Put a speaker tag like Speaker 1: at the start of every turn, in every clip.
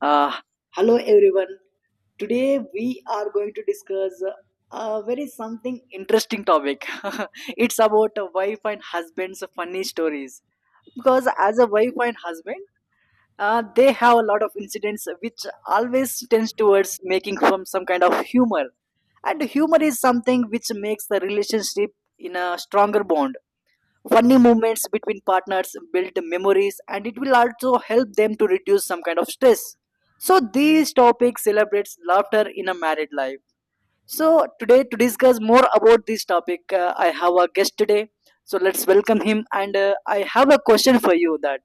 Speaker 1: Uh, hello everyone. Today we are going to discuss a very something interesting topic. It's about a wife and husband's funny stories. Because as a wife and husband, they have a lot of incidents which always tends towards making from some kind of humor. And humor is something which makes the relationship in a stronger bond. Funny moments between partners build memories, and it will also help them to reduce some kind of stress. So these topics celebrates laughter in a married life. So today, to discuss more about this topic, I have a guest today. So let's welcome him, and I have a question for you: that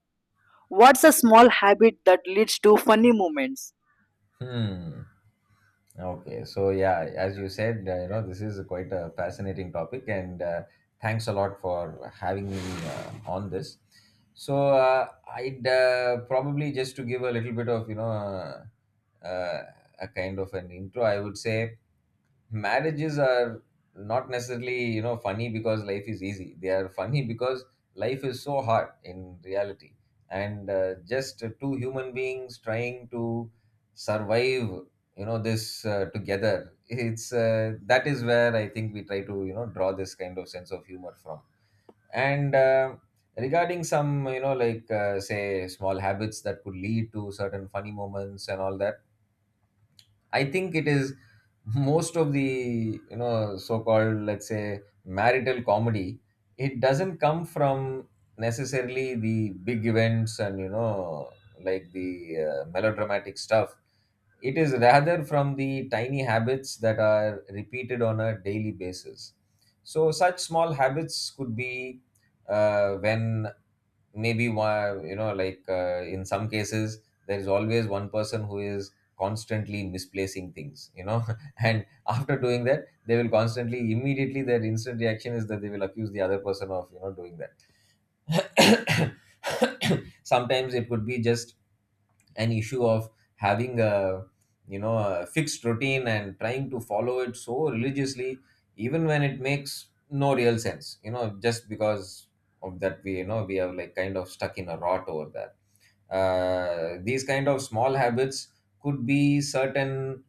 Speaker 1: what's a small habit that leads to funny moments?
Speaker 2: Hmm. Okay. So yeah, as you said, you know, this is quite a fascinating topic, and thanks a lot for having me on this. So I'd probably, just to give a little bit of, uh, a kind of an intro. I would say marriages are not necessarily, you know, funny because life is easy, they are funny because life is so hard in reality. And just two human beings trying to survive, you know, this together, it's that is where I think we try to, you know, draw this kind of sense of humor from. And regarding some, you know, like say small habits that could lead to certain funny moments and all that, I think it is most of the, you know, so-called, let's say, marital comedy. It doesn't come from necessarily the big events and, you know, like the melodramatic stuff. It is rather from the tiny habits that are repeated on a daily basis. So such small habits could be when maybe one, you know, like in some cases there is always one person who is constantly misplacing things, you know, and after doing that, they will constantly, immediately, their instant reaction is that they will accuse the other person of, you know, doing that. Sometimes it could be just an issue of having a, you know, a fixed routine and trying to follow it so religiously even when it makes no real sense, you know, just because of that, we, you know, we are like kind of stuck in a rot over that. These kind of small habits could be certain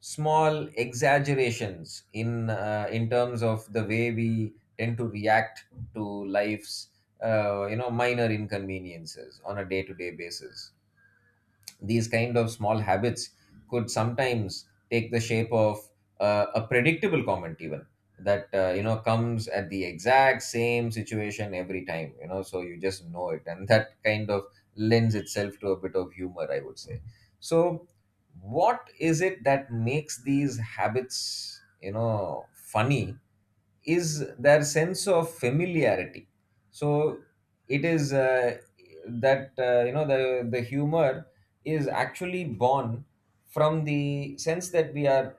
Speaker 2: small exaggerations in terms of the way we tend to react to life's you know, minor inconveniences on a day to day basis. These kind of small habits could sometimes take the shape of a predictable comment even, that you know, comes at the exact same situation every time, you know, so you just know it, and that kind of lends itself to a bit of humor, I would say. So what is it that makes these habits, you know, funny is their sense of familiarity. So it is that you know, the humor is actually born from the sense that we are,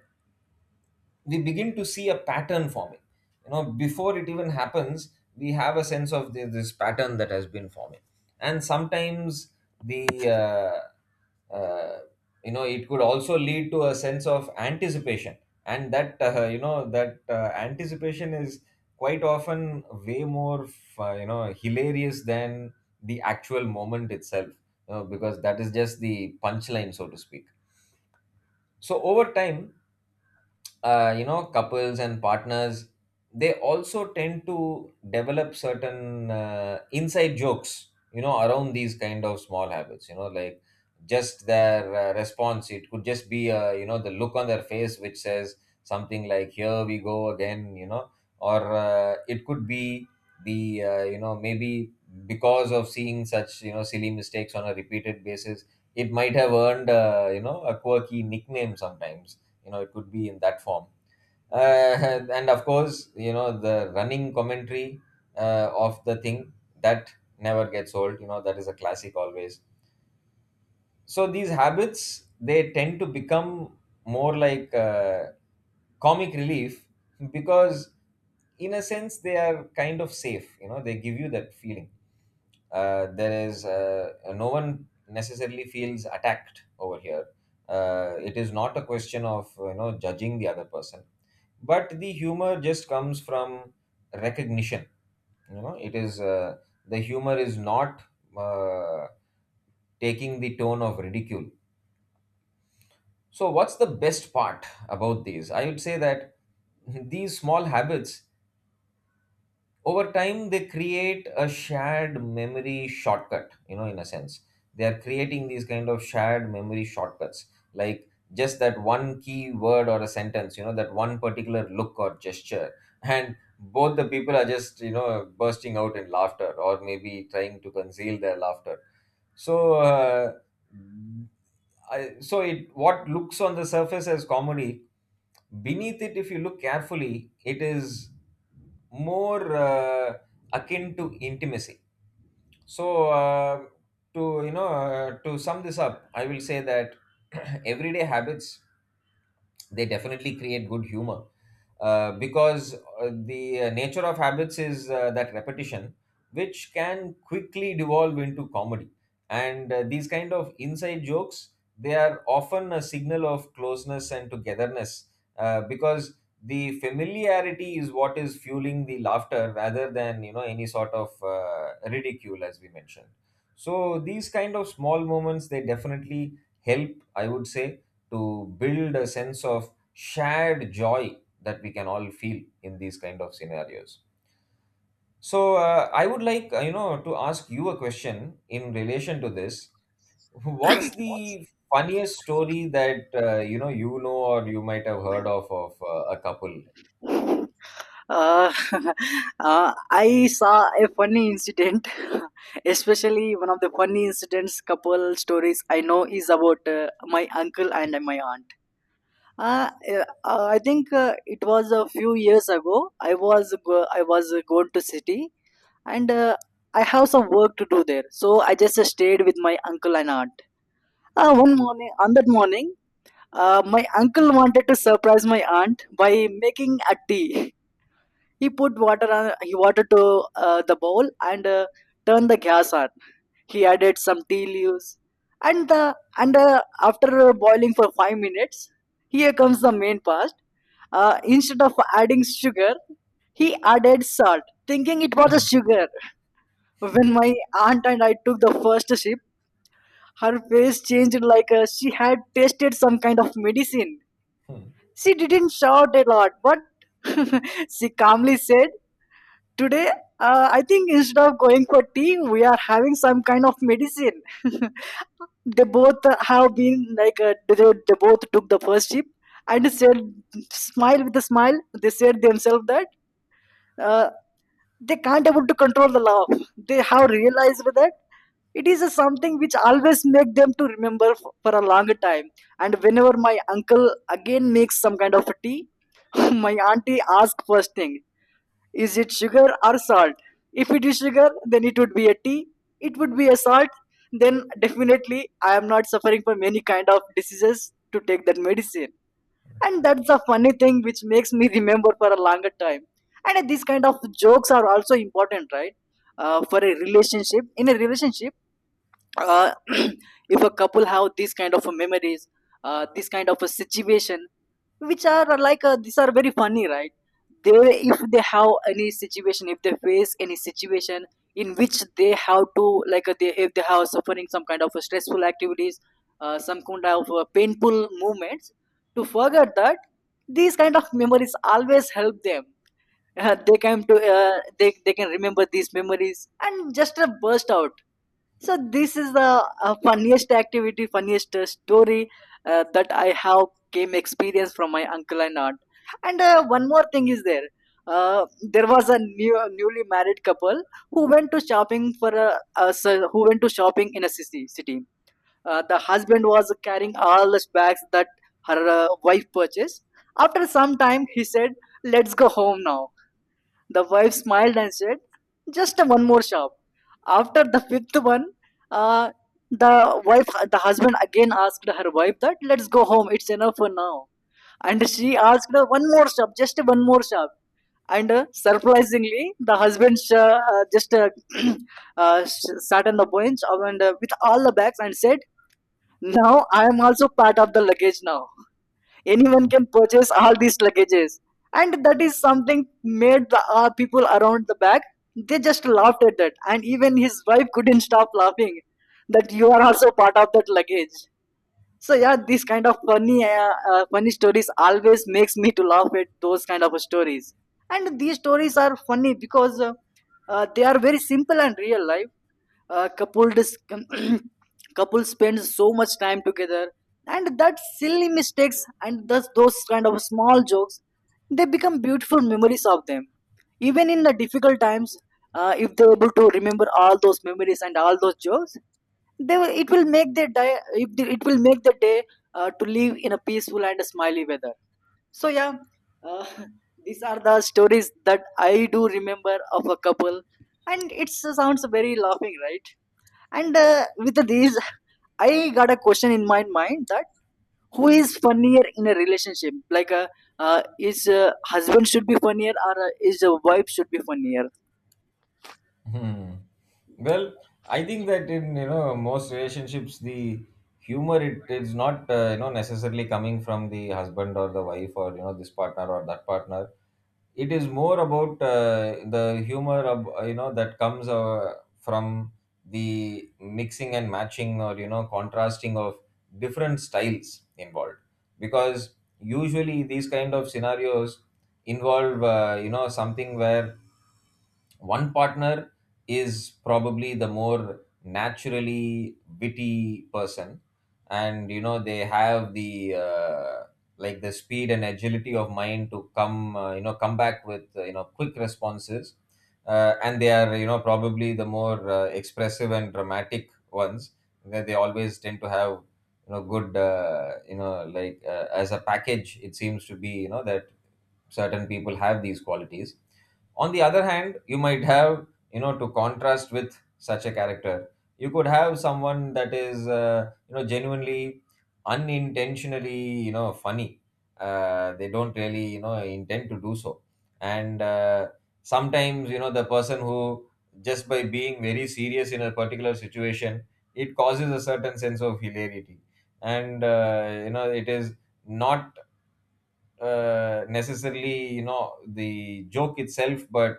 Speaker 2: we begin to see a pattern forming, you know, before it even happens. We have a sense of the, this pattern that has been forming. And sometimes the uh, uh, you know, it could also lead to a sense of anticipation. And that you know, that anticipation is quite often way more you know, hilarious than the actual moment itself, you know, because that is just the punchline, so to speak. So over time, you know, couples and partners, they also tend to develop certain inside jokes, you know, around these kind of small habits, you know, like just their response, it could just be you know, the look on their face which says something like, here we go again, you know. Or it could be the you know, maybe because of seeing such, you know, silly mistakes on a repeated basis, it might have earned you know, a quirky nickname sometimes, you know, it could be in that form. uh, and of course, you know, the running commentary of the thing that never gets old, you know, that is a classic always. So these habits, they tend to become more like comic relief, because in a sense they are kind of safe, you know, they give you that feeling. There is no one necessarily feels attacked over here. It is not a question of, you know, judging the other person, but the humor just comes from recognition. You know, it is the humor is not uh, taking the tone of ridicule. So what's the best part about these? I would say that these small habits, over time, they create a shared memory shortcut, you know, in a sense they are creating these kind of shared memory shortcuts, like just that one key word or a sentence, you know, that one particular look or gesture, and both the people are just, you know, bursting out in laughter or maybe trying to conceal their laughter. So I, so it what looks on the surface as comedy, beneath it, if you look carefully, it is more akin to intimacy. So to, you know, to sum this up, I will say that everyday habits, they definitely create good humor, because the nature of habits is that repetition, which can quickly devolve into comedy. And these kind of inside jokes, they are often a signal of closeness and togetherness, because the familiarity is what is fueling the laughter rather than, you know, any sort of ridicule, as we mentioned. So these kind of small moments, they definitely help, I would say, to build a sense of shared joy that we can all feel in these kind of scenarios. So I would like, you know, to ask you a question in relation to this. What's the funniest story that you know or you might have heard of a couple?
Speaker 1: uh, I saw a funny incident. Especially one of the funny incidents, couple stories I know is about my uncle and my aunt. I think it was a few years ago. I was going to city, and I have some work to do there. So I just stayed with my uncle and aunt. One morning, on that morning, my uncle wanted to surprise my aunt by making a tea. He put water on he water to the bowl, and turned the gas on. He added some tea leaves, and the and after boiling for 5 minutes, here comes the main part. Instead of adding sugar, he added salt, thinking it was a sugar. When my aunt and I took the first sip, her face changed like she had tasted some kind of medicine. She didn't shout a lot, but she calmly said, "Today, I think instead of going for tea, we are having some kind of medicine." They both have been like, they both took the first sip and said, smile with a smile. They said themselves that uh, they can't able to control the laugh. They have realized that it is a something which always make them to remember for a longer time. And whenever my uncle again makes some kind of a tea, my auntie asks first thing: is it sugar or salt? If it is sugar, then it would be a tea. It would be a salt. Then definitely I am not suffering from any kind of diseases to take that medicine. And that's a funny thing which makes me remember for a longer time. And these kind of jokes are also important, right? For a relationship, uh, if a couple have these kind of a memories, this kind of a situation, which are like, these are very funny, right? They, if they have any situation if they face any situation in which they have to, like, they, if they have suffering some kind of stressful activities, some kind of painful movements to forget that, these kind of memories always help them. They can to, they can remember these memories and just burst out. So this is the funniest activity, funniest story that I have came experience from my uncle and aunt. And one more thing is there. Uh, there was a newly married couple who went to shopping in a city. The husband was carrying all the bags that her wife purchased. After some time, he said, "Let's go home now." The wife smiled and said, "Just one more shop." After the fifth one, uh, the the husband again asked her wife that, "Let's go home. It's enough for now." And she asked her, "One more shop, just one more shop." And surprisingly, the husband, just sat on the bench and with all the bags, and said, "Now I am also part of the luggage now. Anyone can purchase all these luggages." And that is something made the people around the back, they just laughed at that, and even his wife couldn't stop laughing that you are also part of that luggage. So yeah, these kind of funny, funny stories always makes me to laugh at those kind of stories. And these stories are funny because they are very simple and real life. uh, couple dis- Couple spend so much time together, and that silly mistakes and thus those kind of small jokes, they become beautiful memories of them. Even in the difficult times, if they're able to remember all those memories and all those jokes, it will make their day, it will make the day to live in a peaceful and a smiley weather. So yeah, uh, these are the stories that I do remember of a couple, and it sounds very laughing, right? And with these, I got a question in my mind: that who is funnier in a relationship? Like, is husband should be funnier, or is a wife should be funnier?
Speaker 2: Hmm. Well, I think that in, you know, most relationships, the humor, it is not you know, necessarily coming from the husband or the wife or, you know, this partner or that partner. It is more about the humor of you know, that comes from the mixing and matching or, you know, contrasting of different styles involved. Because usually these kind of scenarios involve you know, something where one partner is probably the more naturally witty person, and you know, they have the like the speed and agility of mind to come you know, come back with you know, quick responses. And they are, you know, probably the more expressive and dramatic ones, that they always tend to have, you know, good you know, like as a package, it seems to be, you know, that certain people have these qualities. On the other hand, you might have, you know, to contrast with such a character, you could have someone that is you know, genuinely, unintentionally, you know, funny. They don't really, you know, intend to do so. And sometimes, you know, the person who just by being very serious in a particular situation, it causes a certain sense of hilarity. And you know, it is not necessarily, you know, the joke itself, but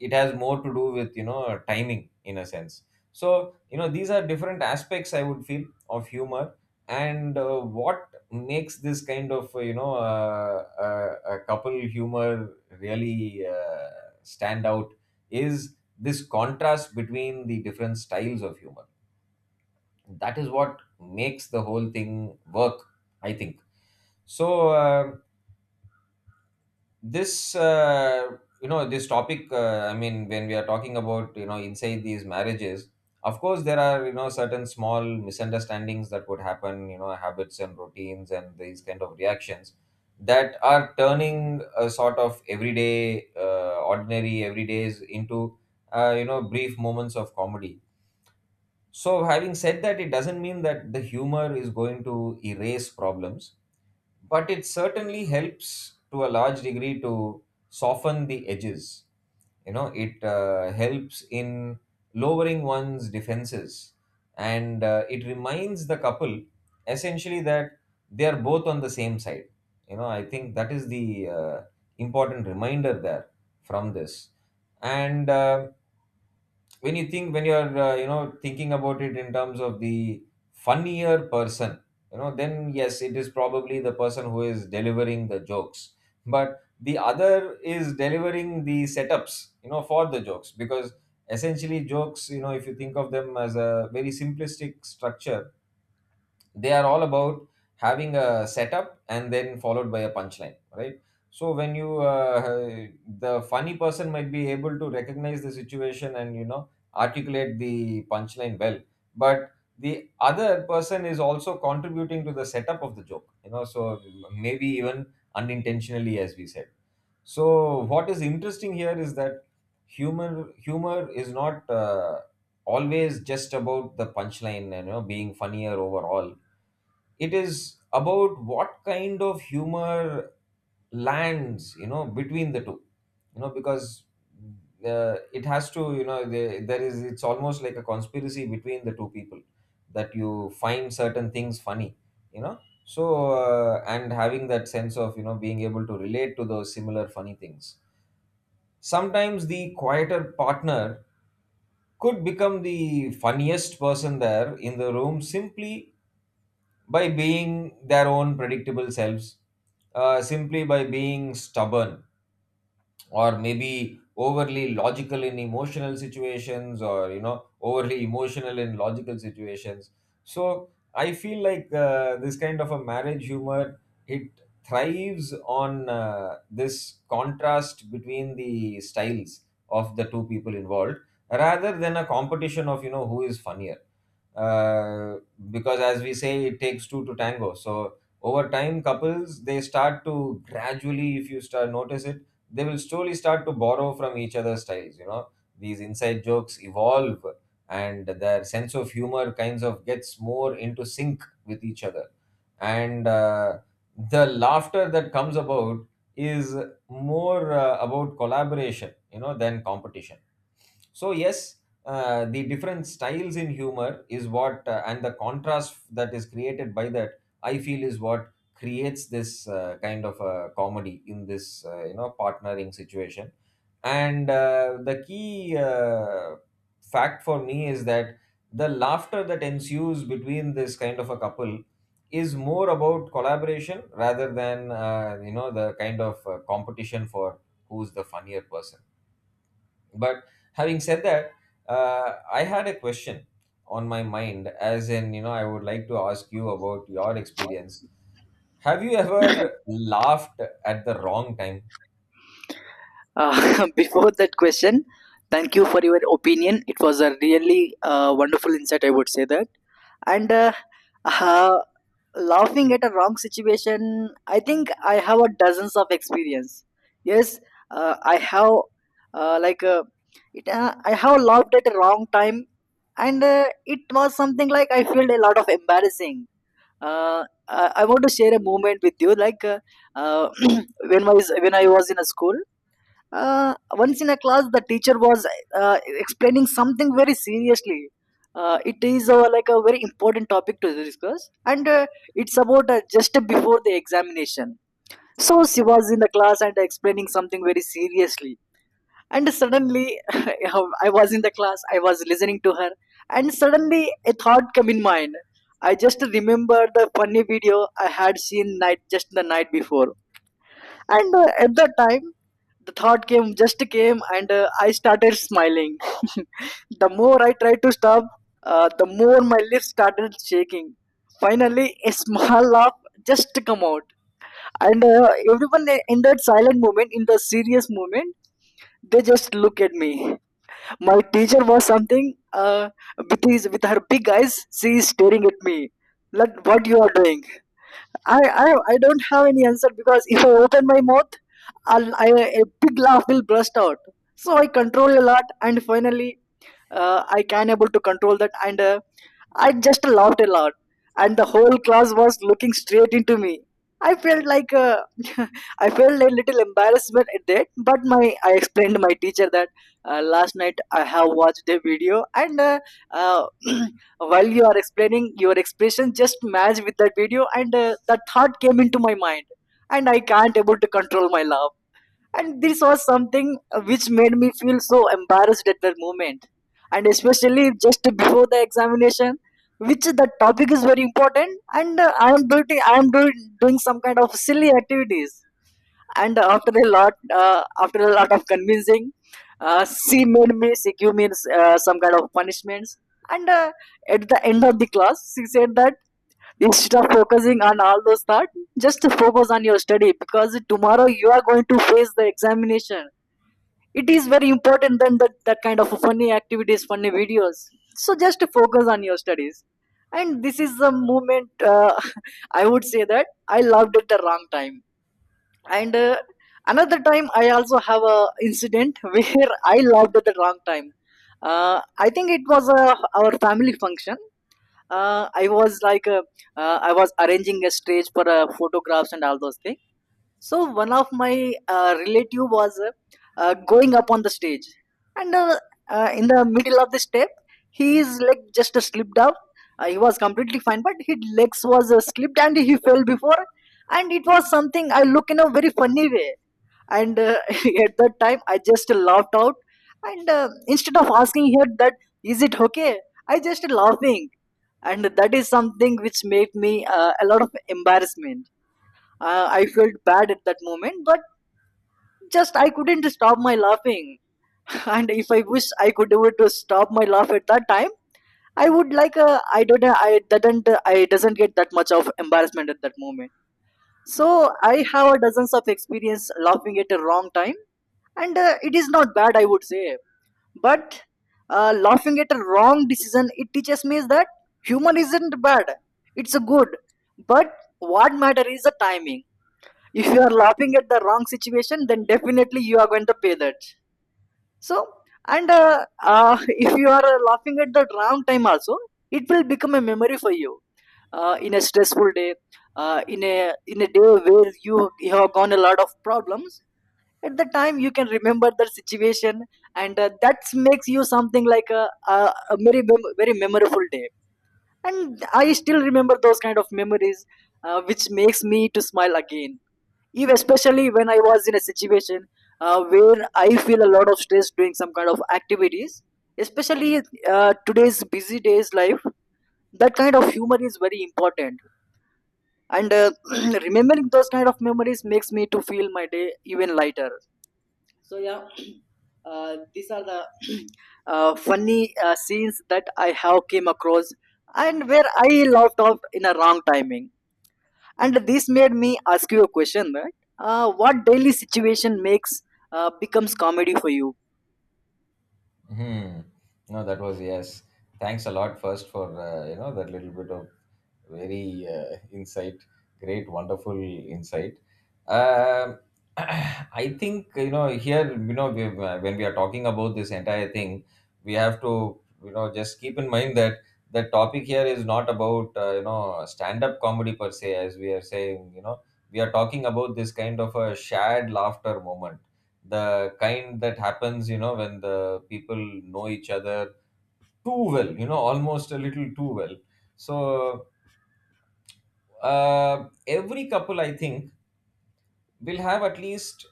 Speaker 2: it has more to do with, you know, timing in a sense. So, you know, these are different aspects, I would feel, of humor. And what makes this kind of a couple humor really stand out is this contrast between the different styles of humor. That is what makes the whole thing work, I think. So um, this you know, this topic I mean, when we are talking about, you know, inside these marriages, of course there are, you know, certain small misunderstandings that would happen, you know, habits and routines and these kind of reactions, that are turning a sort of everyday ordinary everydays into you know, brief moments of comedy. So having said that, it doesn't mean that the humor is going to erase problems, but it certainly helps to a large degree to soften the edges. You know, it helps in lowering one's defenses. And it reminds the couple essentially that they are both on the same side. You know, I think that is the important reminder there from this. And when you think, when you're, you know, thinking about it in terms of the funnier person, you know, then yes, it is probably the person who is delivering the jokes, but the other is delivering the setups, you know, for the jokes. Because essentially jokes, you know, if you think of them as a very simplistic structure, they are all about having a setup and then followed by a punchline, right? So when you the funny person might be able to recognize the situation and, you know, articulate the punchline well. But the other person is also contributing to the setup of the joke, you know, so maybe even unintentionally, as we said. So what is interesting here is that humor is not always just about the punchline and, you know, being funnier overall. It is about what kind of humor lands, you know, between the two. You know, because it has to, you know, there is, it's almost like a conspiracy between the two people that you find certain things funny. you know and having that sense of being able to relate to those similar funny things. Sometimes the quieter partner could become the funniest person there in the room simply by being their own predictable selves, simply by being stubborn or maybe overly logical in emotional situations, or overly emotional in logical situations. So I feel like this kind of a marriage humor, it thrives on this contrast between the styles of the two people involved, rather than a competition of who is funnier. uh, because as we say, it takes two to tango. So over time, couples, they start to gradually, if you start notice it, they will slowly start to borrow from each other's styles, these inside jokes evolve, and their sense of humor kinds of gets more into sync with each other. And the laughter that comes about is more about collaboration, than competition. So yes, the different styles in humor is what and the contrast that is created by that, I feel, is what creates this kind of a comedy in this partnering situation. And the key fact for me is that the laughter that ensues between this kind of a couple is more about collaboration, rather than the kind of competition for who's the funnier person. But having said that, I had a question on my mind, as in, I would like to ask you about your experience. Have you ever laughed at the wrong time?
Speaker 1: Before that question, thank you for your opinion. It was a really wonderful insight, I would say that. And uh, laughing at a wrong situation, I think I have a dozens of experience. Yes. I have, uh, like uh, I have laughed at a wrong time, and it was something like I felt a lot of embarrassing. uh, I want to share a moment with you, like, uh, when I was in a school. Once in a class, the teacher was explaining something very seriously. It is, like, a very important topic to discuss, and it's about, just before the examination. So she was in the class and explaining something very seriously, and suddenly I was in the class. I was listening to her, and suddenly a thought came in mind. I just remember the funny video I had seen night, just the night before, and at that time the thought came, just came, and I started smiling. The more I tried to stop, the more my lips started shaking. Finally a small laugh just come out, and everyone, in that silent moment, in the serious moment, they just look at me. My teacher was something, uh, with her big eyes, she is staring at me like what you are doing. I, I don't have any answer, because if I open my mouth, a big laugh will burst out. So I control a lot, and finally, I can able to control that. And I just laughed a lot, and the whole class was looking straight into me. I felt like, I felt a little embarrassment at that, but my I explained to my teacher that last night I have watched a video, and uh, while you are explaining, your expression just matched with that video, and that thought came into my mind, and I can't able to control my laugh. And this was something, which made me feel so embarrassed at that moment, and especially just before the examination, which the topic is very important, and I am doing some kind of silly activities. And after a lot of convincing, she made me cq, means some kind of punishments. And at the end of the class she said that, "Instead of focusing on all those thoughts, just focus on your study, because tomorrow you are going to face the examination. It is very important than that, that kind of funny activities, funny videos. So just focus on your studies." And this is the moment, I would say that I loved it the wrong time. And another time I also have a incident where I loved at the wrong time. I think it was our family function. uh, i was like uh, I was arranging a stage for photographs and all those things. So one of my relative was, going up on the stage, and in the middle of the step his leg just slipped up. He was completely fine, but his legs was slipped and he fell before. And it was something I look in a very funny way. And at that time I just laughed out, and instead of asking her that "Is it okay?", I just laughing. And that is something which made me, a lot of embarrassment. I felt bad at that moment, but just I couldn't stop my laughing. And if I wish I could do it to stop my laugh at that time, I would like a, I don't I didn't I doesn't get that much of embarrassment at that moment. So I have a dozens of experience laughing at a wrong time, and it is not bad I would say. But laughing at a wrong decision it teaches me is that humor isn't bad. It's a good, but what matter is the timing. If you are laughing at the wrong situation, then definitely you are going to pay that. So, and If you are laughing at that wrong time also, it will become a memory for you. In a stressful day, in a day where you have gone a lot of problems, at the time you can remember the situation, and that makes you something like a very memorable day. And I still remember those kind of memories, which makes me to smile again if especially when I was in a situation where I feel a lot of stress doing some kind of activities especially today's busy days life, that kind of humor is very important, and remembering those kind of memories makes me to feel my day even lighter. So yeah, these are the funny scenes that I have came across, and where I laughed off in a wrong timing. And this made me ask you a question that what daily situation makes becomes comedy for you?
Speaker 2: Hmm. No, that was yes. Thanks a lot first for you know that little bit of very insight, great, wonderful insight. Um I think you know here you know we, when we are talking about this entire thing, we have to just keep in mind that the topic here is not about you know stand-up comedy per se, as we are saying. You know we are talking about this kind of a shared laughter moment, the kind that happens when the people know each other too well, you know almost a little too well. So every couple, I think, will have at least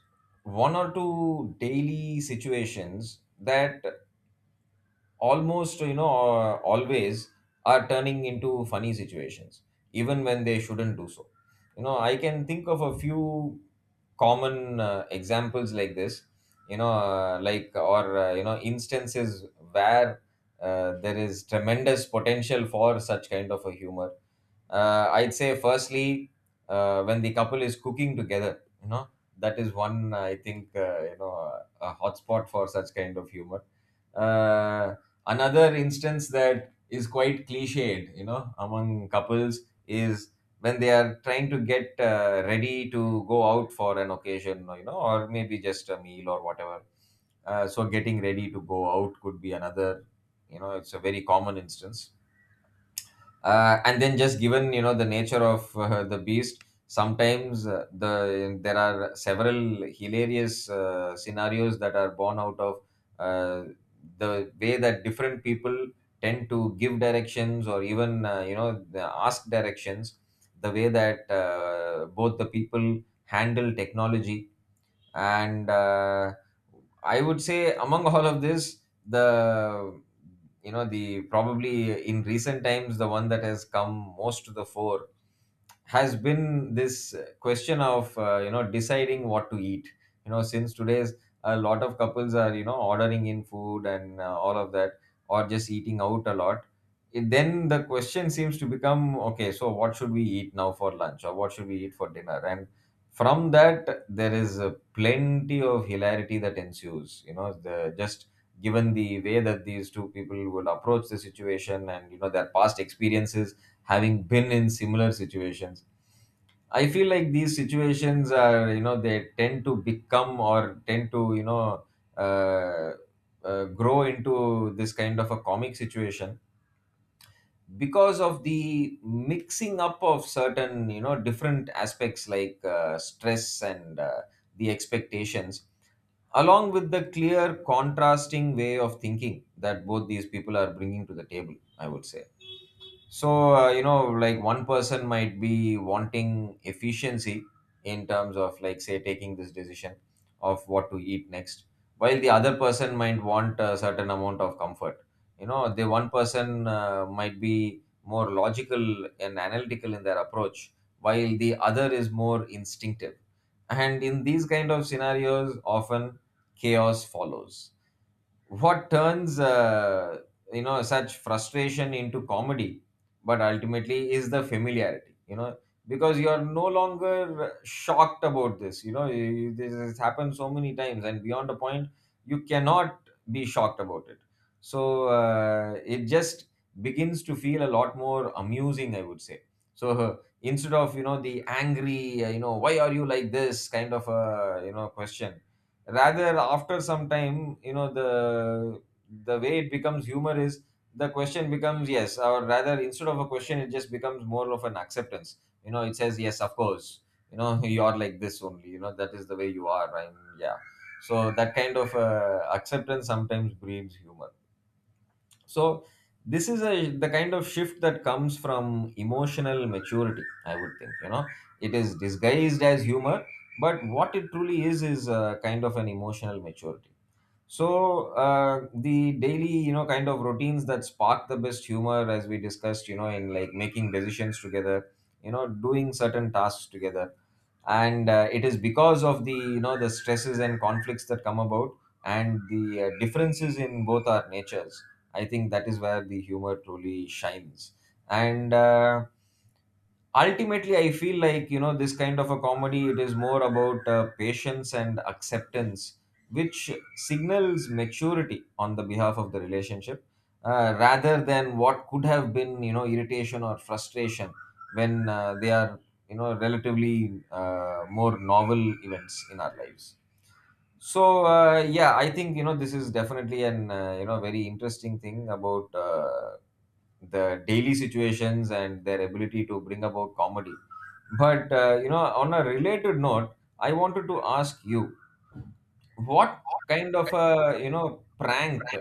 Speaker 2: one or two daily situations that almost always are turning into funny situations, even when they shouldn't do so. You know, I can think of a few common examples like this, you know instances where there is tremendous potential for such kind of a humor. I'd say firstly, when the couple is cooking together, you know, that is one, I think, a hotspot for such kind of humor. Uh, Another instance that is quite cliched, you know, among couples, is when they are trying to get ready to go out for an occasion, you know, or maybe just a meal or whatever. So getting ready to go out could be another, you know, it's a very common instance. And then, just given you know the nature of the beast, sometimes there are several hilarious scenarios that are born out of uh, the way that different people tend to give directions, or even you know the- ask directions, the way that both the people handle technology. And I would say among all of this, the you know the probably in recent times, the one that has come most to the fore has been this question of you know deciding what to eat. You know, since today's a lot of couples are you know ordering in food, and all of that, or just eating out a lot, it, then the question seems to become okay, so what should we eat now for lunch, or what should we eat for dinner? And from that, there is a plenty of hilarity that ensues. You know, the just given the way that these two people will approach the situation, and you know their past experiences having been in similar situations. I feel like these situations are, they tend to become, or tend to, uh, grow into this kind of a comic situation because of the mixing up of certain you know different aspects like stress and the expectations, along with the clear contrasting way of thinking that both these people are bringing to the table, I would say. So, you know, like one person might be wanting efficiency in terms of, like, say, taking this decision of what to eat next, while the other person might want a certain amount of comfort. You know, the one person might be more logical and analytical in their approach, while the other is more instinctive. And in these kind of scenarios, often chaos follows. What turns you know such frustration into comedy, but ultimately, is the familiarity, you know, because you are no longer shocked about this, you know, this has happened so many times, and beyond a point, you cannot be shocked about it. So it just begins to feel a lot more amusing, I would say. So instead of you know the angry you know why are you like this kind of a you know question, rather, after some time, the way it becomes humor is the question becomes yes, or rather, instead of a question, it just becomes more of an acceptance. You know, it says yes, of course, you know you are like this only, you know that is the way you are, and yeah. So that kind of acceptance sometimes breeds humor. So this is a the kind of shift that comes from emotional maturity, I would think, you know. It is disguised as humor, but what it truly is a kind of an emotional maturity. So the daily, you know, kind of routines that spark the best humor, as we discussed, you know, in like making decisions together, you know, doing certain tasks together, and it is because of the, you know, the stresses and conflicts that come about, and the differences in both our natures. I think that is where the humor truly shines, and. Ultimately, I feel like you know this kind of a comedy, it is more about patience and acceptance, which signals maturity on the behalf of the relationship, rather than what could have been you know irritation or frustration when they are you know relatively more novel events in our lives. So yeah, I think you know this is definitely an you know very interesting thing about the daily situations and their ability to bring about comedy. But you know, on a related note, I wanted to ask you, what kind of a you know prank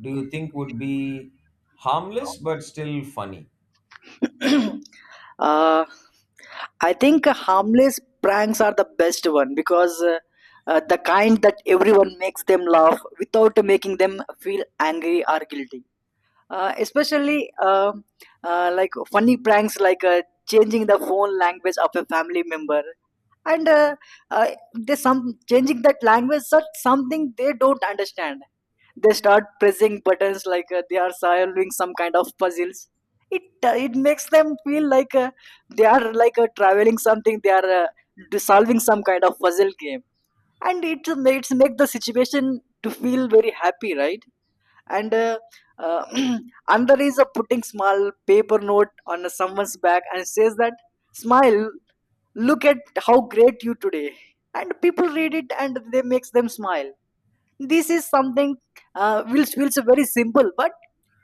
Speaker 2: do you think would be harmless but still funny?
Speaker 1: uh, I think harmless pranks are the best one because the kind that everyone makes them laugh without making them feel angry or guilty. Especially Like funny pranks like changing the phone language of a family member, and uh, they some changing that language such something they don't understand, they start pressing buttons like they are solving some kind of puzzles. It it makes them feel like they are like traveling something, they are solving some kind of puzzle game, and it makes make the situation to feel very happy, right? And uh, another is a putting small paper note on someone's back and says that, "Smile, look at how great you today." And people read it and they makes them smile. This is something which feels very simple, but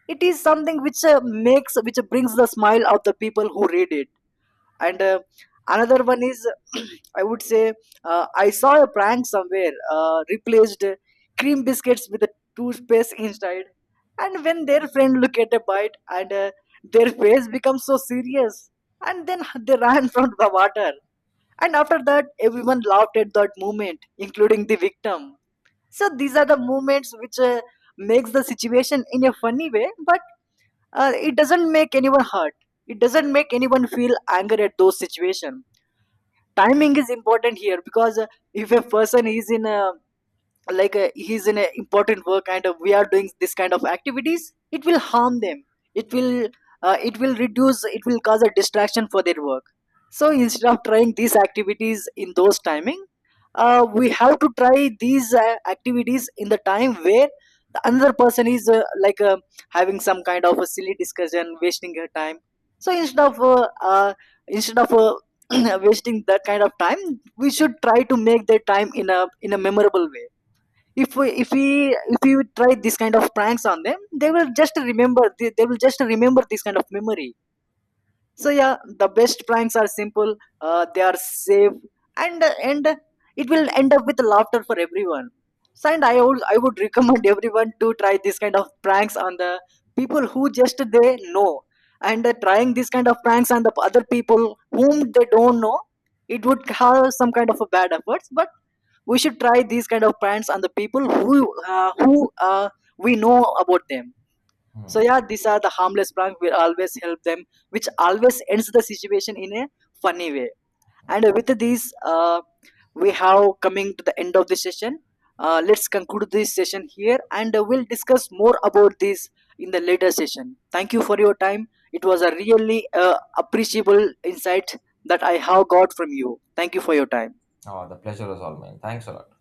Speaker 1: it is something which makes, which brings the smile of the people who read it. And another one is I would say I saw a prank somewhere. Replaced cream biscuits with a toothpaste inside, and when their friend look at a bite, and their face becomes so serious, and then they ran from the water, and after that everyone laughed at that moment, including the victim. So these are the moments which makes the situation in a funny way, but it doesn't make anyone hurt, it doesn't make anyone feel anger at those situations. Timing is important here, because if a person is in a, like he's in an important work, and we are doing this kind of activities, it will harm them. It will it will reduce, it will cause a distraction for their work. So instead of trying these activities in those timing, we have to try these activities in the time where the another person is like having some kind of a silly discussion wasting her time. So instead of wasting that kind of time, we should try to make their time in a memorable way. if we if we if we try this kind of pranks on them, they will just remember, they will just remember this kind of memory. So yeah, the best pranks are simple, they are safe, and and it will end up with laughter for everyone. So, and I would recommend everyone to try this kind of pranks on the people who just they know. And trying this kind of pranks on the other people whom they don't know, it would have some kind of a bad efforts. But we should try these kind of pranks on the people who uh, who uh, we know about them. So
Speaker 2: Hmm.
Speaker 1: yeah, these are the harmless prank. We always help them, which always ends the situation in a funny way. And with these, we have coming to the end of the session. Let's conclude this session here, and we'll discuss more about this in the later session. Thank you for your time. It was a really appreciable insight that I have got from you. Thank you for your time.
Speaker 2: Oh, the pleasure is all mine. Thanks a lot.